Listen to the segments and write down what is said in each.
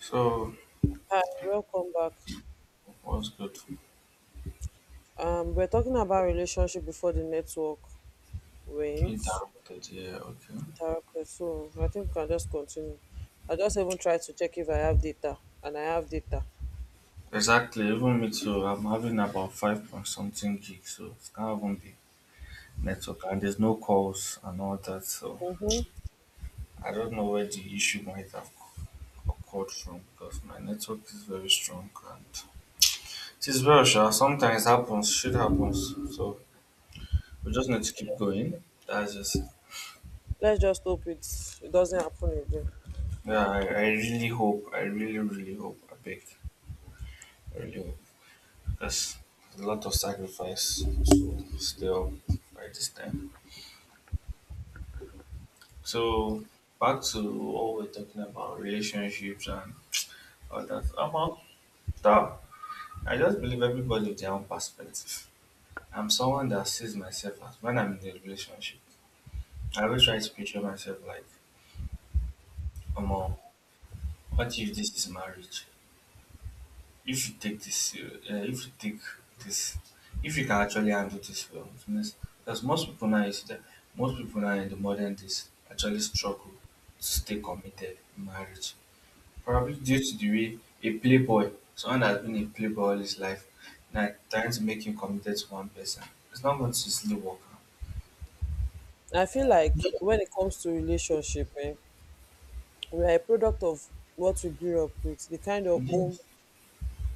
So, Hi, welcome back. what's good? We're talking about relationship before the network went Interrupted, yeah, okay. interrupted. So I think we can just continue. I just even tried to check if I have data, and I have data. Exactly, even me too. I'm having about five point something gigs, so it can't even be network, and there's no calls and all that. So, Mm-hmm. I don't know where the issue might have occurred from because my network is very strong and it is very sure. Sometimes happens, shit happens. So, we just need to keep going. That's just, Let's just hope it doesn't happen again. yeah, I really hope, I really hope, I beg, I really hope. There's a lot of sacrifice so still by this time. So back to what we're talking about relationships and all that. About that, I just believe everybody with their own perspective. I'm someone that sees myself as when I'm in a relationship. I always try to picture myself like, Omo, what if this is marriage? If you take this serious, this, if you can actually handle this well, it means because most people now in the modern days actually struggle to stay committed in marriage, probably due to the way a playboy, someone that has been a playboy all his life, now trying to make him committed to one person, it's not going to easily work out. I feel like when it comes to relationship, we are a product of what we grew up with, the kind of home Yes.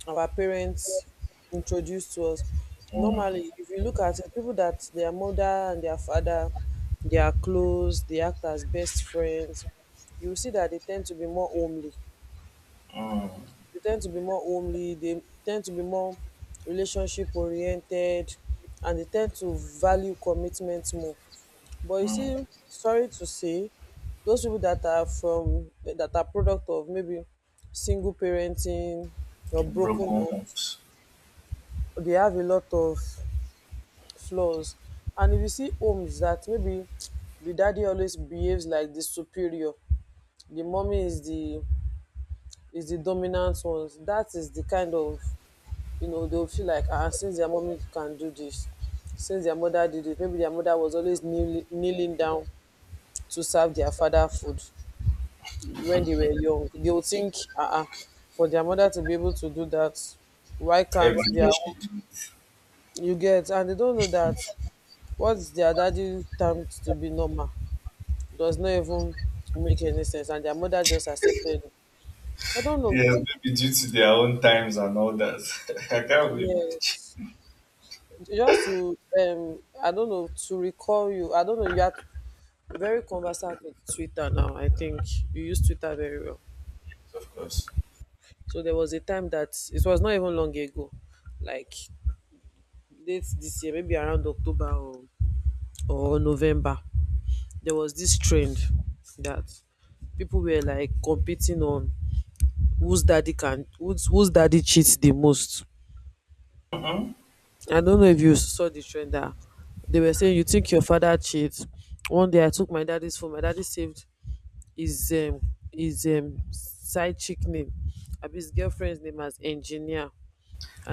our parents introduced to us. Mm, Normally, if you look at it, people that their mother and their father, they are close, they act as best friends, you will see that they tend to be more homely. mm, They tend to be more homely, they tend to be more relationship oriented, and they tend to value commitment more. But you mm. see, sorry to say, those people that are from that are product of maybe single parenting or broken Broken homes, homes. they have a lot of flaws. And if you see homes that maybe the daddy always behaves like the superior, the mommy is the dominant ones. That is the kind of, you know, they'll feel like, since their mommy can do this, since their mother did it, maybe their mother was always kneeling, kneeling down to serve their father food when they were young. They will think, for their mother to be able to do that, why can't Every their day she own? did. You get, and they don't know that what is their daddy termed to be normal does not even make any sense, and their mother just accepted it. I don't know. Yes, maybe due to their own times and all that. I can't believe Yes. Just to, I don't know, to recall you. I don't know, you are very conversant with Twitter now. I think you use Twitter very well. of course. So there was a time that it was not even long ago, like late this year, maybe around October or November. There was this trend that people were like competing on whose daddy cheats the most. Mm-hmm. I don't know if you saw the trend, that they were saying, you think your father cheats? One day I took my daddy's phone. My daddy saved his um his side chick name, abi, his girlfriend's name as engineer,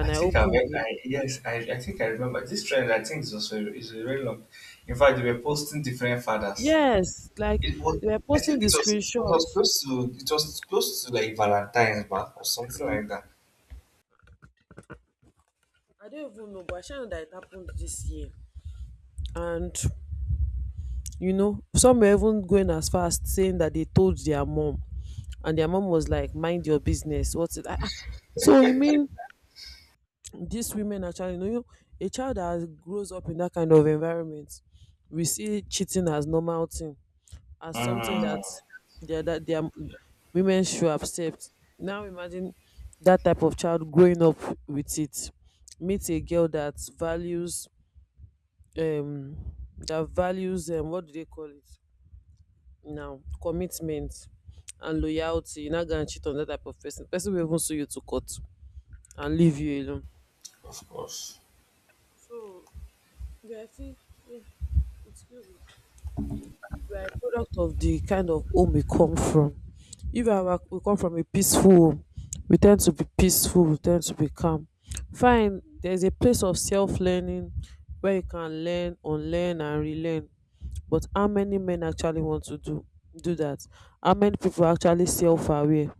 I I think I, opened read- the— I yes, I, I think I remember this trend. I think is also is very long. In fact, they were posting different fathers. yes, like, It was, they were I posting think the it was screenshot. It was close to like Valentine's back or something like that. I don't even know, but I sure know that it happened this year. And, you know, some were even going as far as saying that they told their mom, and their mom was like, mind your business, what's it, ah, ah. So you mean these women actually know? You, a child that grows up in that kind of environment, we see cheating as normal thing, as something Mm. That their women should accept. Now imagine that type of child growing up with it, meet a girl um that values what do they call it, now, commitment and loyalty. You're not gonna cheat on that type of person. Person will even sue you to court and leave you alone. Of course, So you are still, yeah, excuse me. You are a product of the kind of home we come from. If you are- We come from a peaceful home, we tend to be peaceful, we tend to be calm. Fine, there's a place of self learning where you can learn, unlearn and relearn. But how many men actually want to do that? How many people actually self aware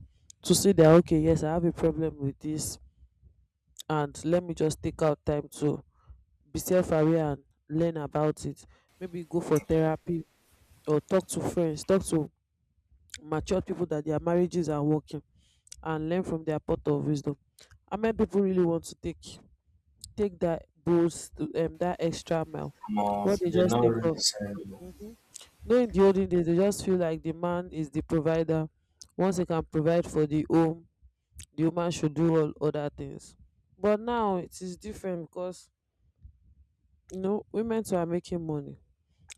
to see that, okay, yes, I have a problem with this, and let me just take out time to be self aware and learn about it. Maybe go for therapy, or talk to friends, talk to mature people that their marriages are working and learn from their pot of wisdom. How many people really want to take that boost, that extra mile? no, What they they just not think really of. send you. Mhm. No, in the olden days dey just feel like the man is the provider. Once he can provide for the home, the woman should do all other things. But now it is different, because you know women too are making money,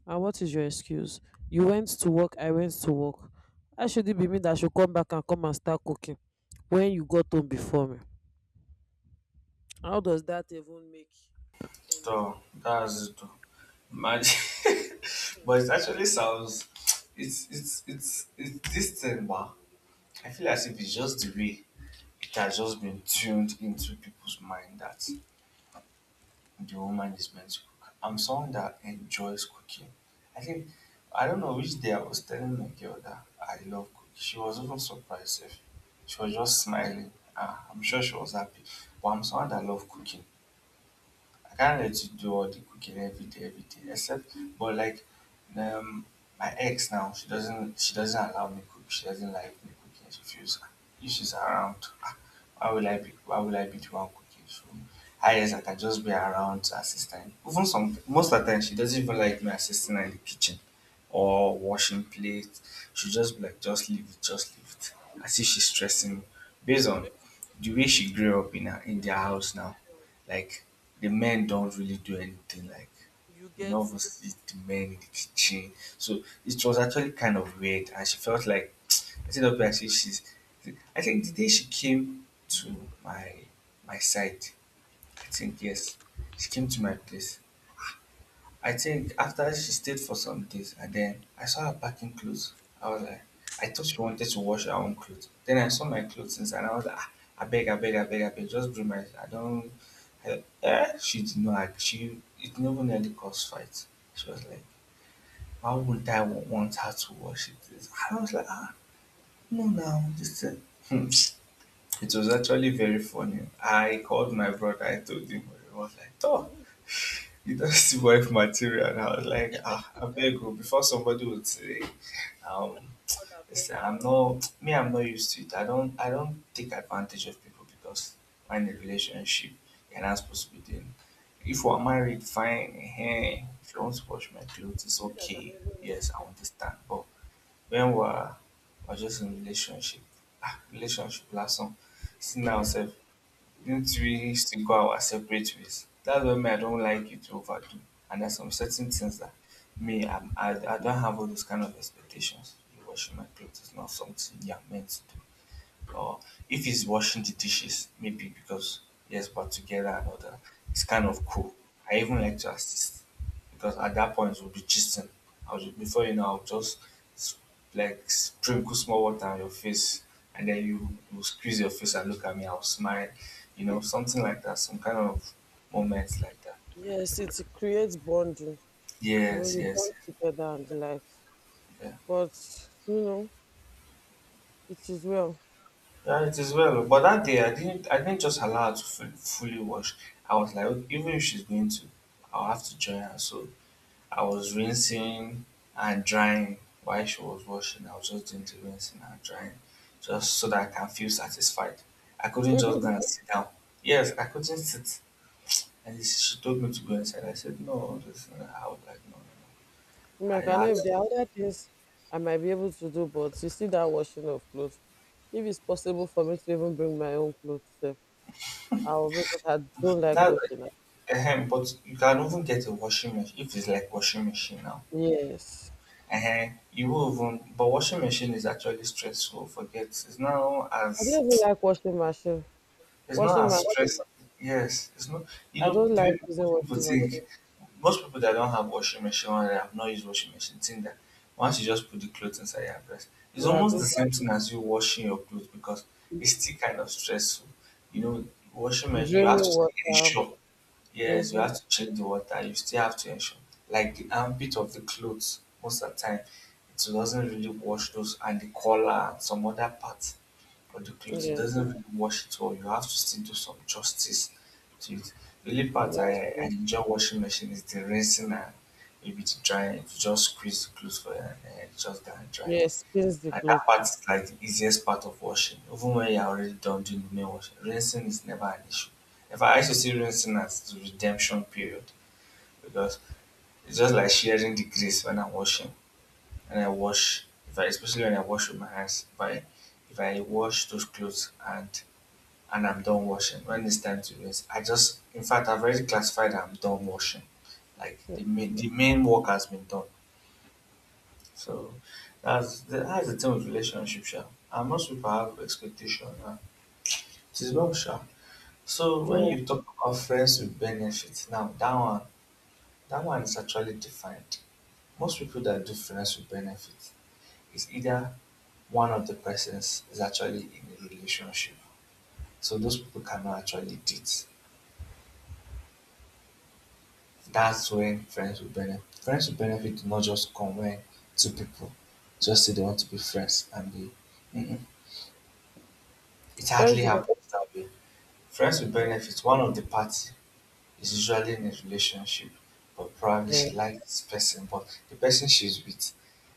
and what is your excuse? You went to work, I went to work. How should it be me that should come back and come and start cooking when you got home before me? How does that even make So anything? that's it. So Imagine, but it actually sounds it's this thing, bah. I feel as if it's just the way it has just been tuned into people's mind that the woman is meant to cook. I'm someone that enjoys cooking. I think I don't know which day I was telling my girl that I love cooking. She was even surprised if she was just smiling. Ah, I'm sure she was happy. But I'm someone that love cooking. I can't let you do all the cooking every day, every day. But um, my ex now, she doesn't allow me cook. She doesn't like me cooking. She feels if she's around, ah, why will I be the one cooking? So, I guess I can just be around to assist her. Even some, most of the time, she doesn't even like me assisting her in the kitchen or washing plates. She just be like, just leave it, just leave it. As if she's you see, stressing maybe, me, based on maybe the way she grew up in her, in their eh, house now, like the men don't really do anything like you none get of it. us is the men in the kitchen. So it was actually kind of weird, and she felt like I think up like she's. I think the day she came to my my side, I think yes, she came to my place. I think after she stayed for some days and then I saw her packing clothes. I was like, I thought she wanted to wash her own clothes. Then I saw my clothes inside and I was like, ah, I beg, I beg, I beg, I beg, just bring my, I don't, I, eh? She did not, ag- she, it never nearly caused fight. She was like, why would I wa- want her to wash it? And I was like, ah, no, no, just. Thing. It was actually very funny. I called my brother, I told him, he was like, oh, you don't see wife material. And I was like, ah, I beg you, before somebody would say, um, God have done listen, for you. I'm not used to it. I don't take advantage of people because we're in a relationship. You're not supposed to be doing. If we're married, fine. Hey, if you want to wash my clothes, it's You that have okay. even— Yes, I understand. But when we're, we're just in a relationship, ah, relationship last song. See now, sef, don't really still go our separate ways. That's why me I don't like you to overdo. And there's some certain things that I don't have all those kind of expectations. You washing my clothes is not something you're meant to do or if he's washing the dishes, maybe because yes, but together and all that, it's kind of cool. I even like to assist because at that point we'll be gisting. Before you know, I'll just s- like sprinkle small water on your face, and then you will squeeze your face and look at me. I'll smile, you know, something like that. Some kind of moments like that. yes, it creates bonding. You know, Yes, you yes, bond together and the likes. yes, yeah. But you know, it is well. Yeah, it is well. But that day, I didn't. I didn't just allow her to fully wash. I was like, "Okay, even if she's going to, I'll have to join her." So I was rinsing and drying while she was washing. I was just doing the rinsing and drying, just so that I can feel satisfied. I couldn't just go and sit down. Yes, I couldn't sit. And she told me to go inside. I said, "No, this." I was like, "No, no, no." I mean, I I can know had if there are other things I might be able to do, but you see that washing of clothes. If it's possible for me to even bring my own clothes, sef, I will, because I don't like that. Like, washing. Am. ahem, but you can even get a washing machine if it's like washing machine now Yes, uh you will even, but washing machine is actually stressful. Forget I don't even like washing machine. it's not Washing as stress. machine. Yes, it's not. You I know don't the way like using most people washing think. machine. Most people that don't have washing machine or that have not used washing machine think that once you just put the clothes inside your dress, it's Yeah, I almost the don't, same thing as you washing your clothes because it's still kind of stressful. You know, washing machine you have draining to stay in the water. shop. Yes, you Mm-hmm. have to check the water. You still have to ensure, like the armpit of the clothes, most of the time, it doesn't really wash those and the collar and some other parts of the clothes. It Yes, doesn't really wash it all. You have to still do some justice to it. The only part that's I right. enjoy washing machine is the rinsing and maybe the drying. You just squeeze the clothes for it and it's just done dry. Yes, spins the And clothes. that part is like the easiest part of washing. Even when you're already done doing the main washing, rinsing is never an issue. In fact, I used to see rinsing as the redemption period because it's just like sharing the grease when I'm washing. And I wash, if I, especially when I wash with my hands, if I wash those clothes and I'm done washing, when it's time to rinse, I just, in fact, I've already classified that I'm done washing. Like the main work has been done. So that's the thing with relationship, sha. And most people have expectation and it is wrong, sha. So when Yeah, you talk about friends with benefits, now that one is actually defined. Most people that do friends with benefits is either one of the persons is actually in a relationship. So those people cannot actually date. That's when friends with benefit do not just come when two people just say they want to be friends and be mm-mm. It hardly first, break, happens that way. Friends with benefits. One of the party is usually in a relationship, but probably yeah. she likes this person, but the person she's with,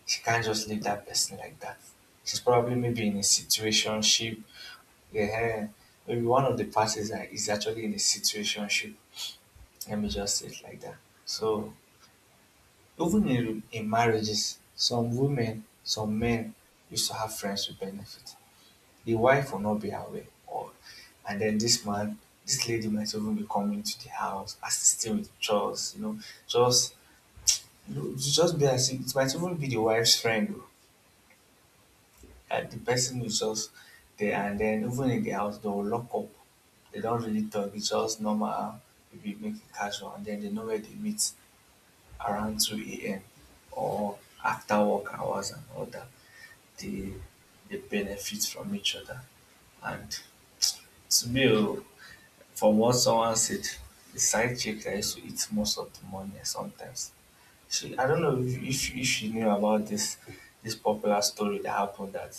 she can't just leave that person like that. She's probably maybe in a situationship. Yeah, maybe one of the parties are, is actually in a situationship. Let me just say it like that. So even in marriages, some women, some men used to have friends with benefits, the wife will not be aware or and then this man, this lady might even be coming to the house assisting with chores, you know, just, you just be as if it might even be the wife's friend oh, that the person is just there and then even in the house they will lock up, they don't really talk, it's just normal, maybe make it casual and then they know where they meet around 2 a.m. or after work hours and all that, they they benefit from each other and to me oh, from what someone said, the side chick that used to eat most of the money sometimes. She, I don't know if, if she knew about this popular story that happened that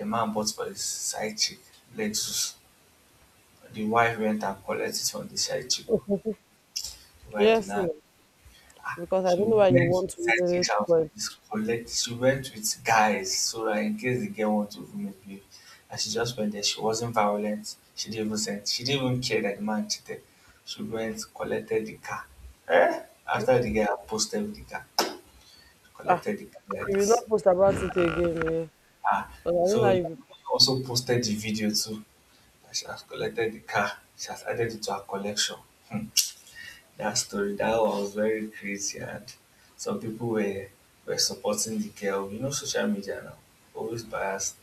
a man bought for his side chick lettuce. The wife went and collected it from the side chick. Oh. The wife did Yes, not no, because I so don't know we why you went want to inside really chicks house spoil. to collect she went with guys so that in case the girl want to even misbehave and she just went there, she wasn't violent, she didn't even send she didn't even care that the man cheated. She went, collected the car. Eh? After the guy had posted with the car, Ah, collected the car like you will this. not post about it again. Eh? Ah, But I so don't know how you be post. also posted the video too that she has collected the car, she has added it to her collection. Hmm, that story. That was very crazy, and some people were supporting the girl. You know, social media now always biased.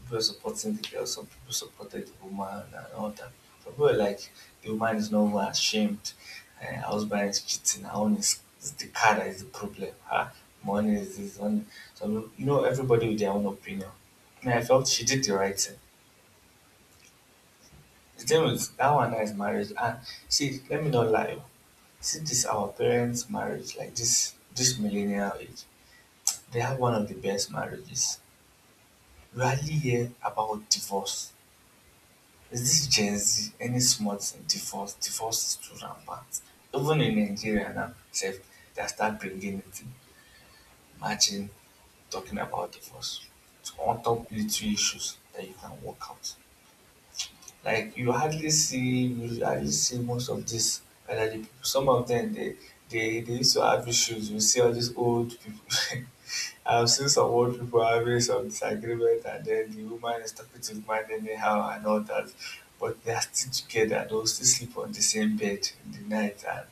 People were supporting the girl. Some people supported the woman and all that. Some people were like, the woman is not even ashamed. Husband is cheating. Her own is the car that is the problem. Her money is this one. So you know, everybody with their own opinion. And I felt she did the right thing. The thing is, that one now is marriage. And see, let me not lie. See this our parents' marriage, like this millennial age, they have one of the best marriages. You hardly hear about divorce. Is this Gen Z? Any smart thing, divorce? Divorce is too rampant. Even in Nigeria now, sef, they start bringing it in. Imagine talking about divorce. It's on top little issues that you can work out. Like you hardly see most of this elderly people. Some of them they used to have issues. You see all these old people. I've seen some old people having some disagreement and then the woman is talking to the man anyhow and all that, but they are still together. They'll still sleep on the same bed in the night, and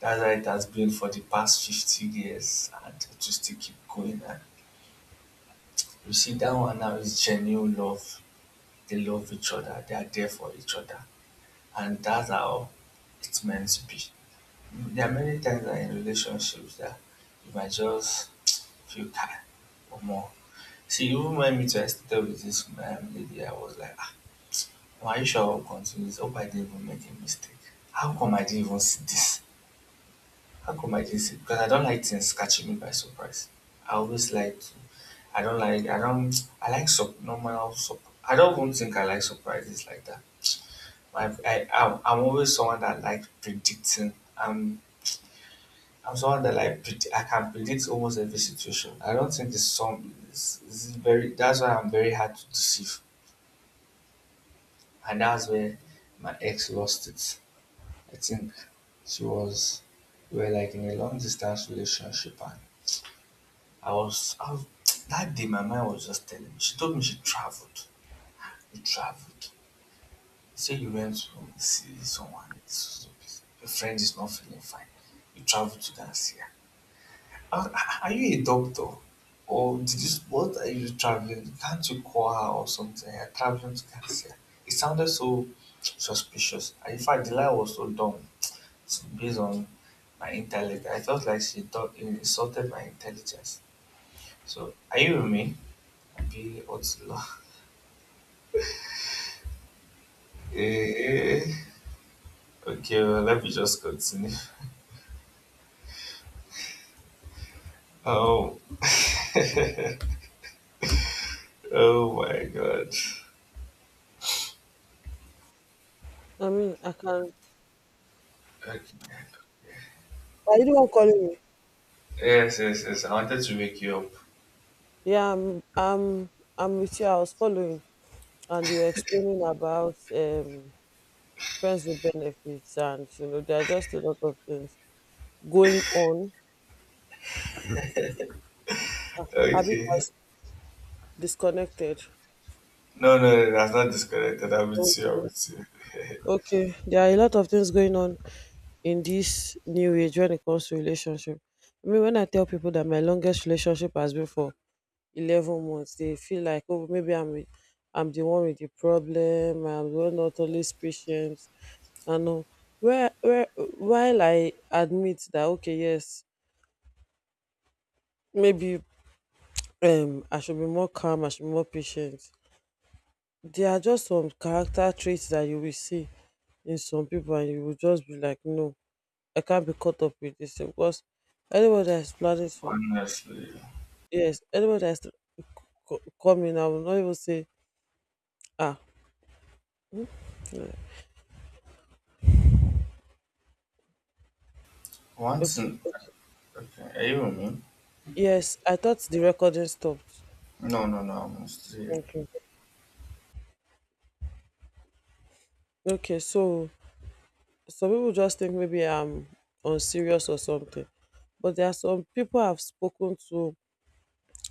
that's how it has been for the past 50 years, and it will still keep going. And you see, that one now is genuine love. They love each other, they are there for each other, and that's how it's meant to be. Mm, there are many times that in relationships that you might just feel tired or more. See, even went me to extent with this lady. I was like, ah, are you sure I'll continue this? Hope I didn't even make a mistake. How come I didn't even see this? How come I didn't see it? Because I don't like things catching me by surprise. I always like to, I don't like, I don't, I like sub, normal, sub, I don't even think I like surprises like that. I'm always someone that like predicting. I'm someone that like, I can predict almost every situation. I don't think it's some, It's very, that's why I'm very hard to deceive. And that's where my ex lost it. I think she was we were like in a long distance relationship and I was I, was- that day my mind was just telling me. She told me she traveled. You traveled. Say you went to see someone, it's- your friend is not feeling fine. You traveled to go and see her. I was, "Ah, are you a doctor? Or did you what are you traveling? Can't you call her or something? You're traveling to go and see her." It sounded so suspicious. And in fact the lie was so dumb. So based on my intellect. I felt like she thought insulted my intelligence. So, are you with me? Be what's eh, okay, well, let me just continue. Oh, oh my god. I mean, I can. Okay. Are you the one calling me? Yes, yes, yes. I wanted to wake you up. Yeah, I'm. I'm. I'm with you. I was following, and you were explaining about, friends with benefits, and you know there are just a lot of things going on. Habit Okay. has disconnected. No, no, no, that's not disconnected. I'm So, with you. I'm with you. okay, there are a lot of things going on in this new age when it comes to relationship. I mean, when I tell people that my longest relationship has been for 11 months, they feel like, oh, maybe I'm with— I'm the one with the problem. I'm the one not always patient. I know, where while I admit that, okay, yes, maybe, I should be more calm. I should be more patient. There are just some character traits that you will see in some people, and you will just be like, no. I can't be caught up with this thing, because anybody that is planning to, Honestly, yes, anybody that is to come in, I will not even say, ah, once okay. in. Okay, are you with me? Yes, I thought the recording stopped. No, no, no. I'm still. Okay. Okay, so some people just think maybe I'm unserious or something. But there are some people I've spoken to,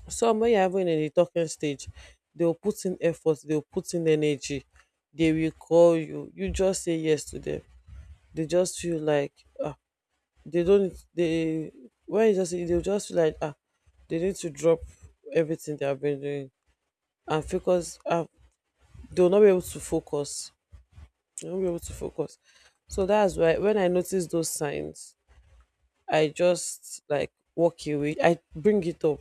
some when you're even in the talking stage, they'll put in effort, they'll put in energy, they will call you. You just say yes to them. They just feel like, ah, they don't they, when you just, they'll just feel like, they need to drop everything they have been doing and focus, they'll not be able to focus, they won't be able to focus. So that's why when I notice those signs, I just like walk away. I bring it up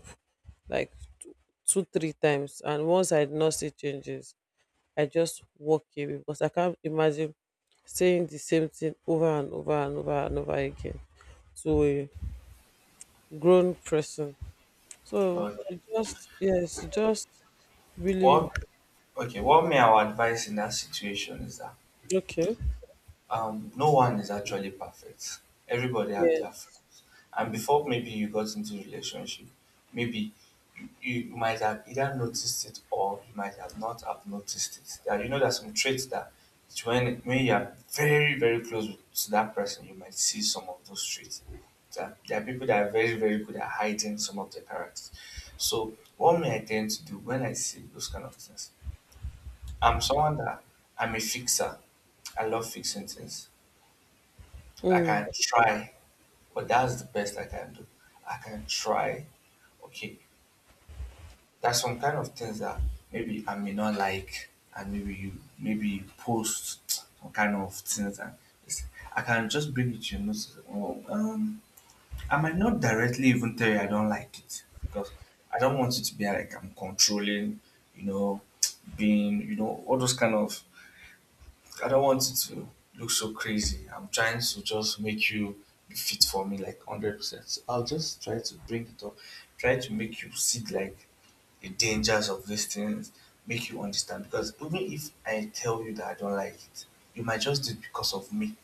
like two two, three times, and once I did not see changes, I just walk away, because I can't imagine saying the same thing over and over and over and over again to a grown person. So Okay. it just, yes, it just really, What, okay, what may our advice in that situation is that okay. No one is actually perfect. Everybody have their flaws. Yes. And before maybe you got into relationship, maybe you might have either noticed it or you might have not have noticed it. That you know there's some traits that it's when you are very very close with- to that person, you might see some of those traits. That there are people that are very very good at hiding some of their characters. So what may I tend to do when I see those kind of things? I'm someone that I'm a fixer. I love fixing things. I Mm. can try, but that's the best I can do. I can try. Okay, there's some kind of things that maybe I may not like, and maybe you post some kind of things, and it's, I can just bring it to your notice. Oh, I might not directly even tell you I don't like it because I don't want it to be like I'm controlling. You know, being you know all those kind of I don't want it to look so crazy. I'm trying to just make you be fit for me like 100%. So I'll just try to bring it up, try to make you see like the dangers of these things, make you understand. Because even if I tell you that I don't like it, you might just do it because of me,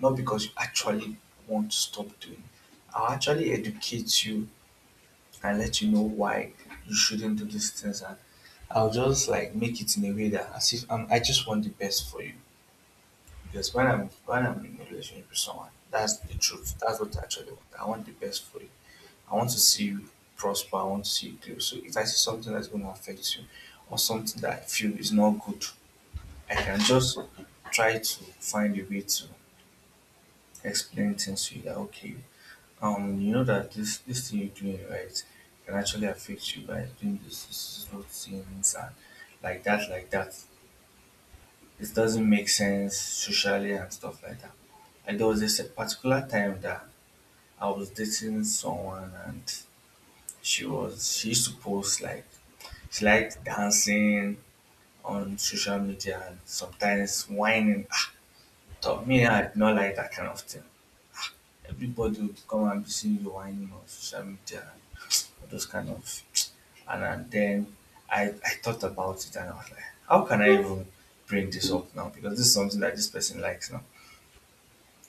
not because you actually want to stop doing it. I'll actually educate you and let you know why you shouldn't do these things. And I'll just like make it in a way that as if I just want the best for you. Because when I'm in a relationship with someone, that's the truth. That's what I actually want. I want the best for you. I want to see you prosper. I want to see you grow. So if I see something that's going to affect you, or something that I feel is not good, I can just try to find a way to explain things to you that okay, you know that this thing you're doing right can actually affect you by doing this, this, this those things and like that, like that. It doesn't make sense socially and stuff like that. Like there was this particular time that I was dating someone and she used to post like she liked dancing on social media and sometimes whining. Ah, so me I did not like that kind of thing. Everybody would come and be seeing you whining on social media and those kind of and then I thought about it and I was like, how can I even bring this up now? Because this is something that this person likes now.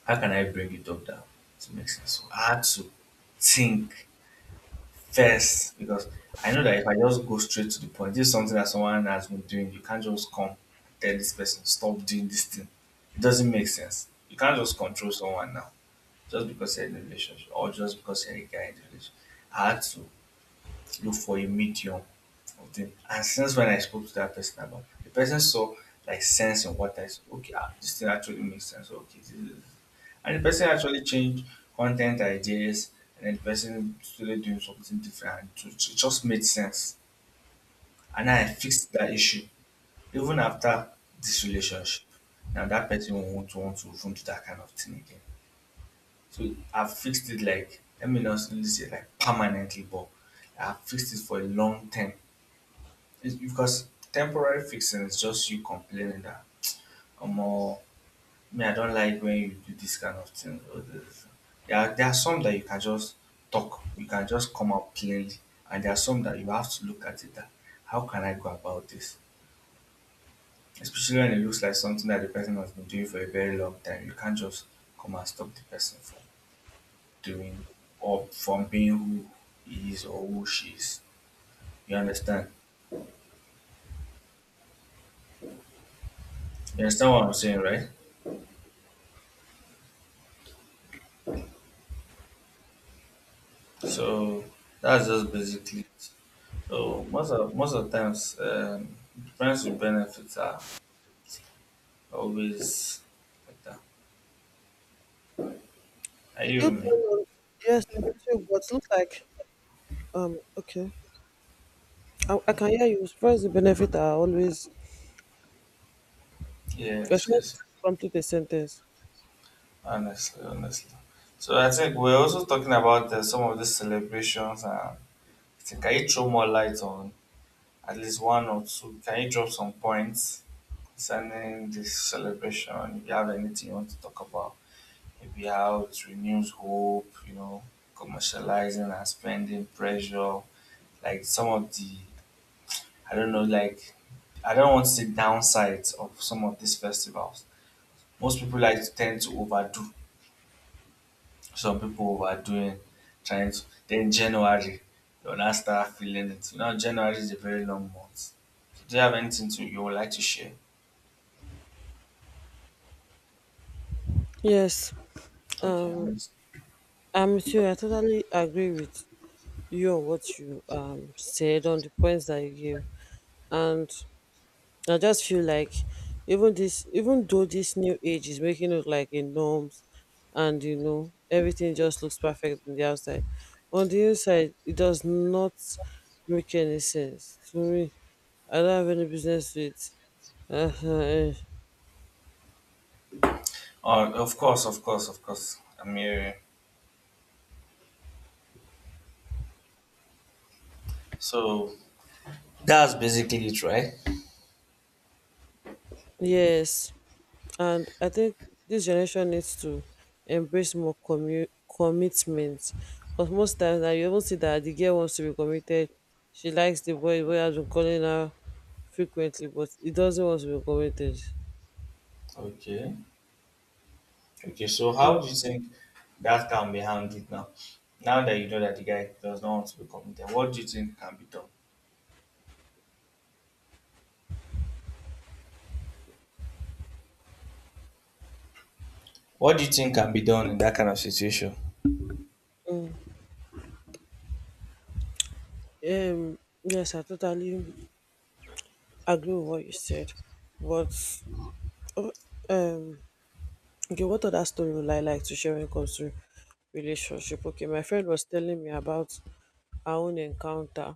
How can I bring it up that to make sense? So I had to think first because I know that if I just go straight to the point, this is something that someone has been doing. You can't just come and tell this person, stop doing this thing. It doesn't make sense. You can't just control someone now just because you're in a relationship or just because you're a guy in a relationship. I had to look for a medium of them. And since when I spoke to that person about, the person saw like sense in what I said. Okay, ah, this thing actually makes sense. Okay, this is, and the person actually changed content ideas, and then the person started doing something different. And it just made sense, and I fixed that issue even after this relationship. Now that person won't want to even do that kind of thing again. So I fixed it like let me not really say like permanently, but I fixed it for a long term. It's because temporary fixing is just you complaining that Omo, me I don't like when you do this kind of thing. Or this. There are some that you can just talk, you can just come out plainly, and there are some that you have to look at it that how can I go about this? Especially when it looks like something that the person has been doing for a very long time. You can't just come and stop the person from doing or from being who he is or who she is. You understand? You understand what I'm saying, right? So that's just basically it. So most of times, friends with benefits are always better. Are Did you you with me? turn on? Yes, I did too. But look like, okay. I can hear you. First, the benefit are always, you're Yes, trying yes. to complete a sentence. Honestly, honestly. So I think we're also talking about some of these celebrations. I think can you throw more light on at least one or two? Can you drop some points concerning this celebration? If you have anything you want to talk about, maybe how it renews hope, you know, commercializing and spending pressure, like some of the I don't know, like I don't want to say downsides of some of these festivals. Most people like to tend to overdo. Some people overdoing, trying to then January, you'll now start feeling it. You know, January is a very long month. So do you have anything to you would like to share? Yes. Okay. Um, I'm with you. I totally agree with you on what you said on the points that you gave, and I just feel like, even this, even though this new age is making it like a norms, and you know everything just looks perfect on the outside, on the inside it does not make any sense to me. I don't have any business with. uh Oh, of course, of course, of course. I'm here. So that's basically it, right? Yes. And I think this generation needs to embrace more commitment, because most times now you even see that the girl wants to be committed, she likes the boy, the boy has been calling her frequently, but he doesn't want to be committed. Okay. Okay, so how do you think that can be handled now? Now that you know that the guy does not want to be committed, what do you think can be done? What do you think can be done in that kind of situation? um yes, I totally agree with what you said, but uh, um okay, what other story would I like to share when it comes to relationship? Okay, my friend was telling me about our own encounter,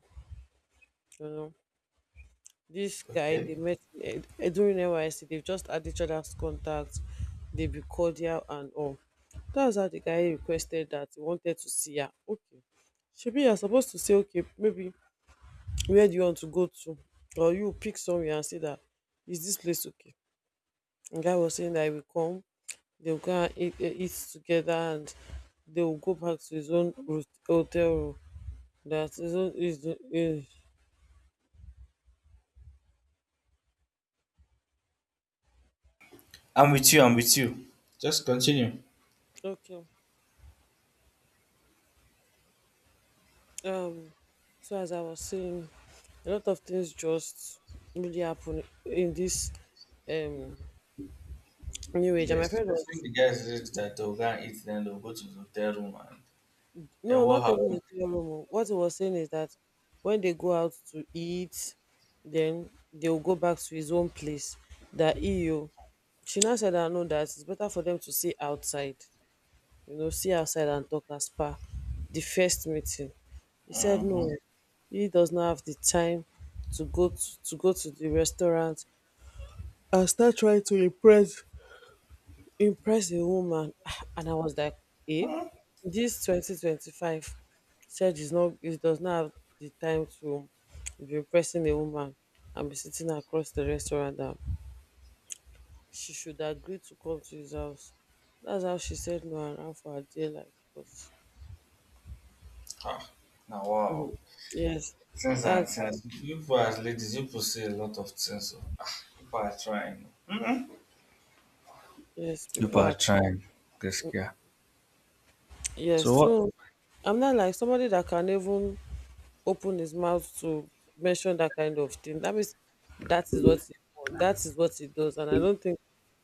you know. This guy Okay. they met in, during NYC. They've just had each other's contacts. They be cordial and all. That's how the guy requested that he wanted to see her. Okay, shebi, you're supposed to say, okay, maybe where do you want to go to, or you pick somewhere and say, that is this place okay? And guy was saying that he will come. They'll go and eat together, and they will go back to his own hotel room. That is his own is, eh, I'm with you, I'm with you. Just continue. okay. Um, so as I was saying, a lot of things just really happen in this, um new age, and my Yes, friend I think was— the guy said that they'll go and eat, then they'll go to the hotel room, and then no, what not even happened? the three room oh. What he was saying is that when they go out to eat, then they'll go back to his own place. That eu, she now said, I know that it's better for them to see outside, you know, see outside and talk as per the first meeting. He said Mm-hmm. no, he does not have the time to go to the restaurant and start trying to impress a woman. And I was like, eh, Mm. this 2025, said is not, it does not have the time to be impressing a woman and be sitting across the restaurant, that she should agree to come to his house. That's how she said no and ran for her dear life because. Ah, now, wow. Mhm. Yes, Since and that's, since, you people as ladies, you people say a lot of things. So, ah, you people are trying. You yes, people people are are, trying. This guy. yes, So, what, so I'm not like somebody that can even open his mouth to mention that kind of thing. That means that is what he wants. That is what he does. And I don't think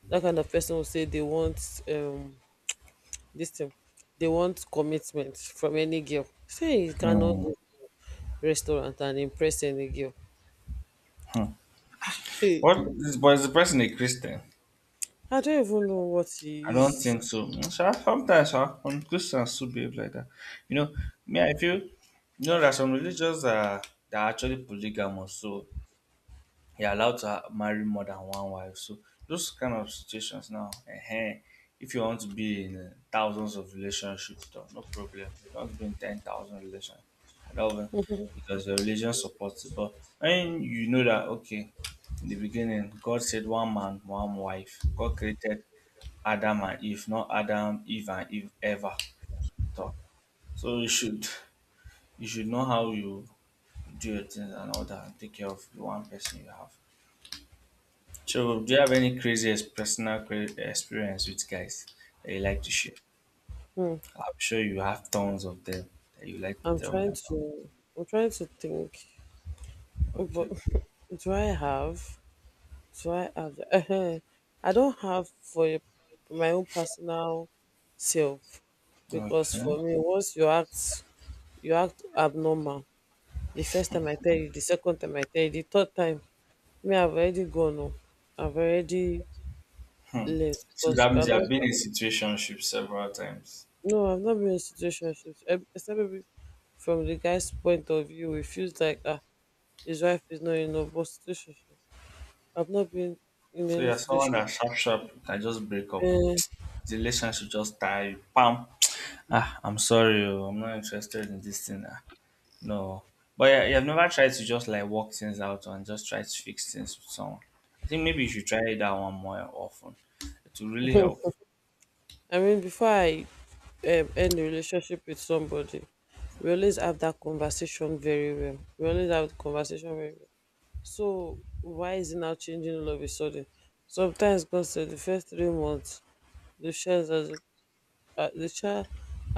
that kind of person will say they want, um this thing. They want commitment from any girl. Say he cannot Mm. go restaurant and impress any girl. Hmm. Hey, What is But is the person a Christian? I don't even know what I he don't is. think so. Mm, sha, sometimes sha, some Christians too behave like that. You know, me I feel you know there are some religions that are actually polygamous. So you're allowed to ha- marry more than one wife. So those kind of situations now, if you want to be in thousands of relationships, though, no problem. If you want to be in 10,000 relationships, I don't know, because your religion supports it. But when you know that okay, in the beginning, God said one man, one wife. God created Adam and Eve, not Adam, Eve and Eve ever. Though. So you should know how you do your things and all that and take care of the one person you have. So, do you have any crazy personal cra- experience with guys that you like to share? Hmm. I'm sure you have tons of them that you like to I'm tell me trying about. to I'm trying to think. But Okay, do I have? Do I have? I don't have for my own personal self. Because okay. for me, once you act, you act abnormal, the first time I tell you, the second time I tell you, the third time, me, I've already gone home, I've already left, So because that means you have cannot. been in situationships several times. No, I've not been in situationships, eh, except maybe from the guy's point of view it feels like, ah, his wife is not in a but situationship. I've not been in So any you're someone situation. that sharp sharp can just break up. Eh, The relationship just die. Pam. Ah, I'm sorry. Oh, I'm not interested in this thing. Ah. No. But yeah, you have never tried to just like work things out and just try to fix things with someone. I think maybe you should try that one more often. It will really help. I mean, before I end a relationship with somebody, we always have that conversation very well, we always have the conversation very. So why is it now changing all of a sudden? Sometimes God said the first 3 months, the child has the, the child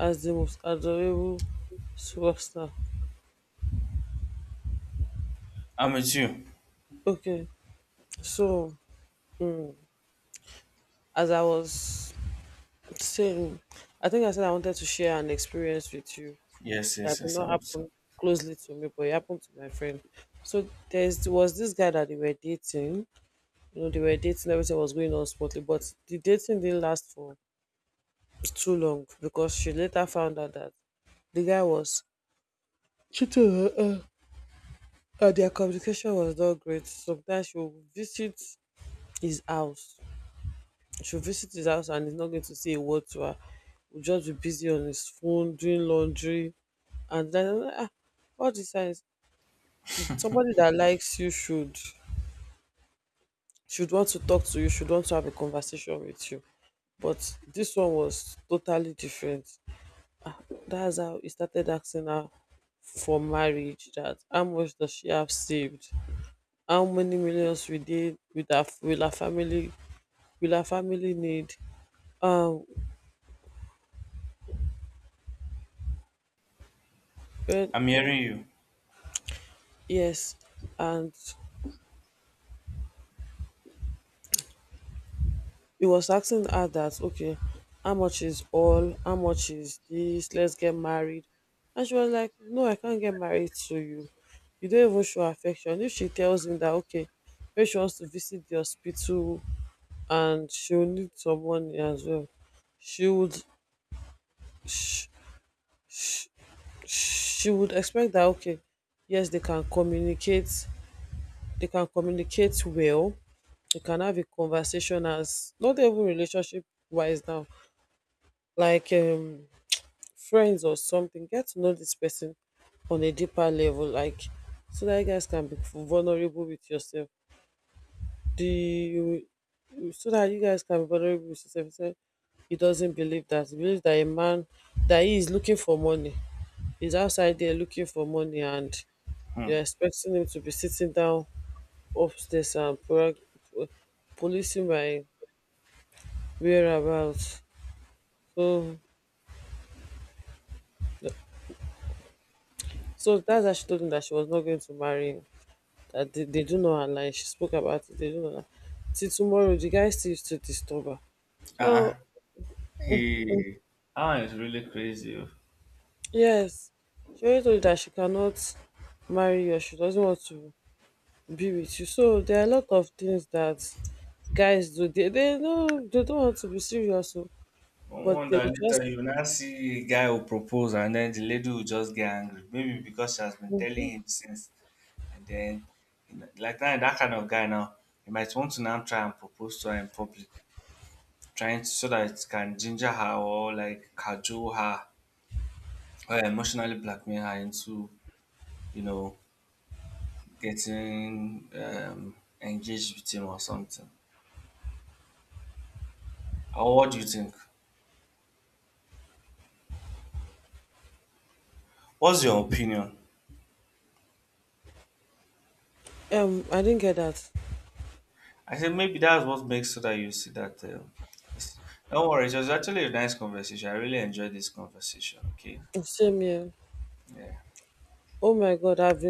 has the most adorable superstar. I'm with you. Okay, so, mm, as I was saying, I think I said I wanted to share an experience with you Yes, that yes, did yes, I'm not with you. happen closely to me, but it happened to my friend. So there's was this guy that they were dating. You know, they were dating. Everything was going on smoothly, but the dating didn't last for too long because she later found out that the guy was cheating on her, and their communication was not great. Sometimes she will visit his house. She'll visit his house and he's not going to say a word to her. Will just be busy on his phone, doing laundry, and then, ah, all the signs. Somebody that likes you should want to talk to you, should want to have a conversation with you. But this one was totally different. That's how he started asking her for marriage. That how much does she have saved? How many millions we did with her, will her family need? Um, well, I'm hearing you. yes, and he was asking her that okay, how much is all? How much is this? Let's get married. And she was like, no, I can't get married to you. You don't even show affection. If she tells him that okay, maybe she wants to visit the hospital and she will need some money as well. She would, she, she would expect that okay, yes, they can communicate well, they can have a conversation as not even relationship wise now, like, friends or something. Get to know this person on a deeper level, like so that you guys can be vulnerable with yourself. The, so that you guys can be vulnerable with yourself. He said he doesn't believe that. He believes that a man, that he is looking for money. He's outside there looking for money, and Hmm. you're expecting him to be sitting down upstairs and po- policing my whereabouts. So, so that's why she told him that she was not going to marry him. That they do not align. She spoke about it. They do not align. Till tomorrow, the guy still used to disturb her. So, Uh-uh. Hey. That one is really crazy. Oh. yes, she already told you that she cannot marry you, or she doesn't want to be with you. So there are a lot of things that guys do. They don't want to be serious, oh, No but they will wonder just. later you now see a guy will propose and then the lady will just get angry. Maybe because she has been telling Mhm. him since. And then, you know, like that, that kind of guy now, he might want to now try and propose to her in public. Trying so that it can ginger her or like cajole her or emotionally blackmail her into, you know, getting engaged with him or something. Or what do you think? What's your opinion? I didn't get that. I said maybe that's what makes so that you see that. It's- don't worry, it was actually a nice conversation. I really enjoyed this conversation. Okay. Same here. Yeah. Oh my god, I've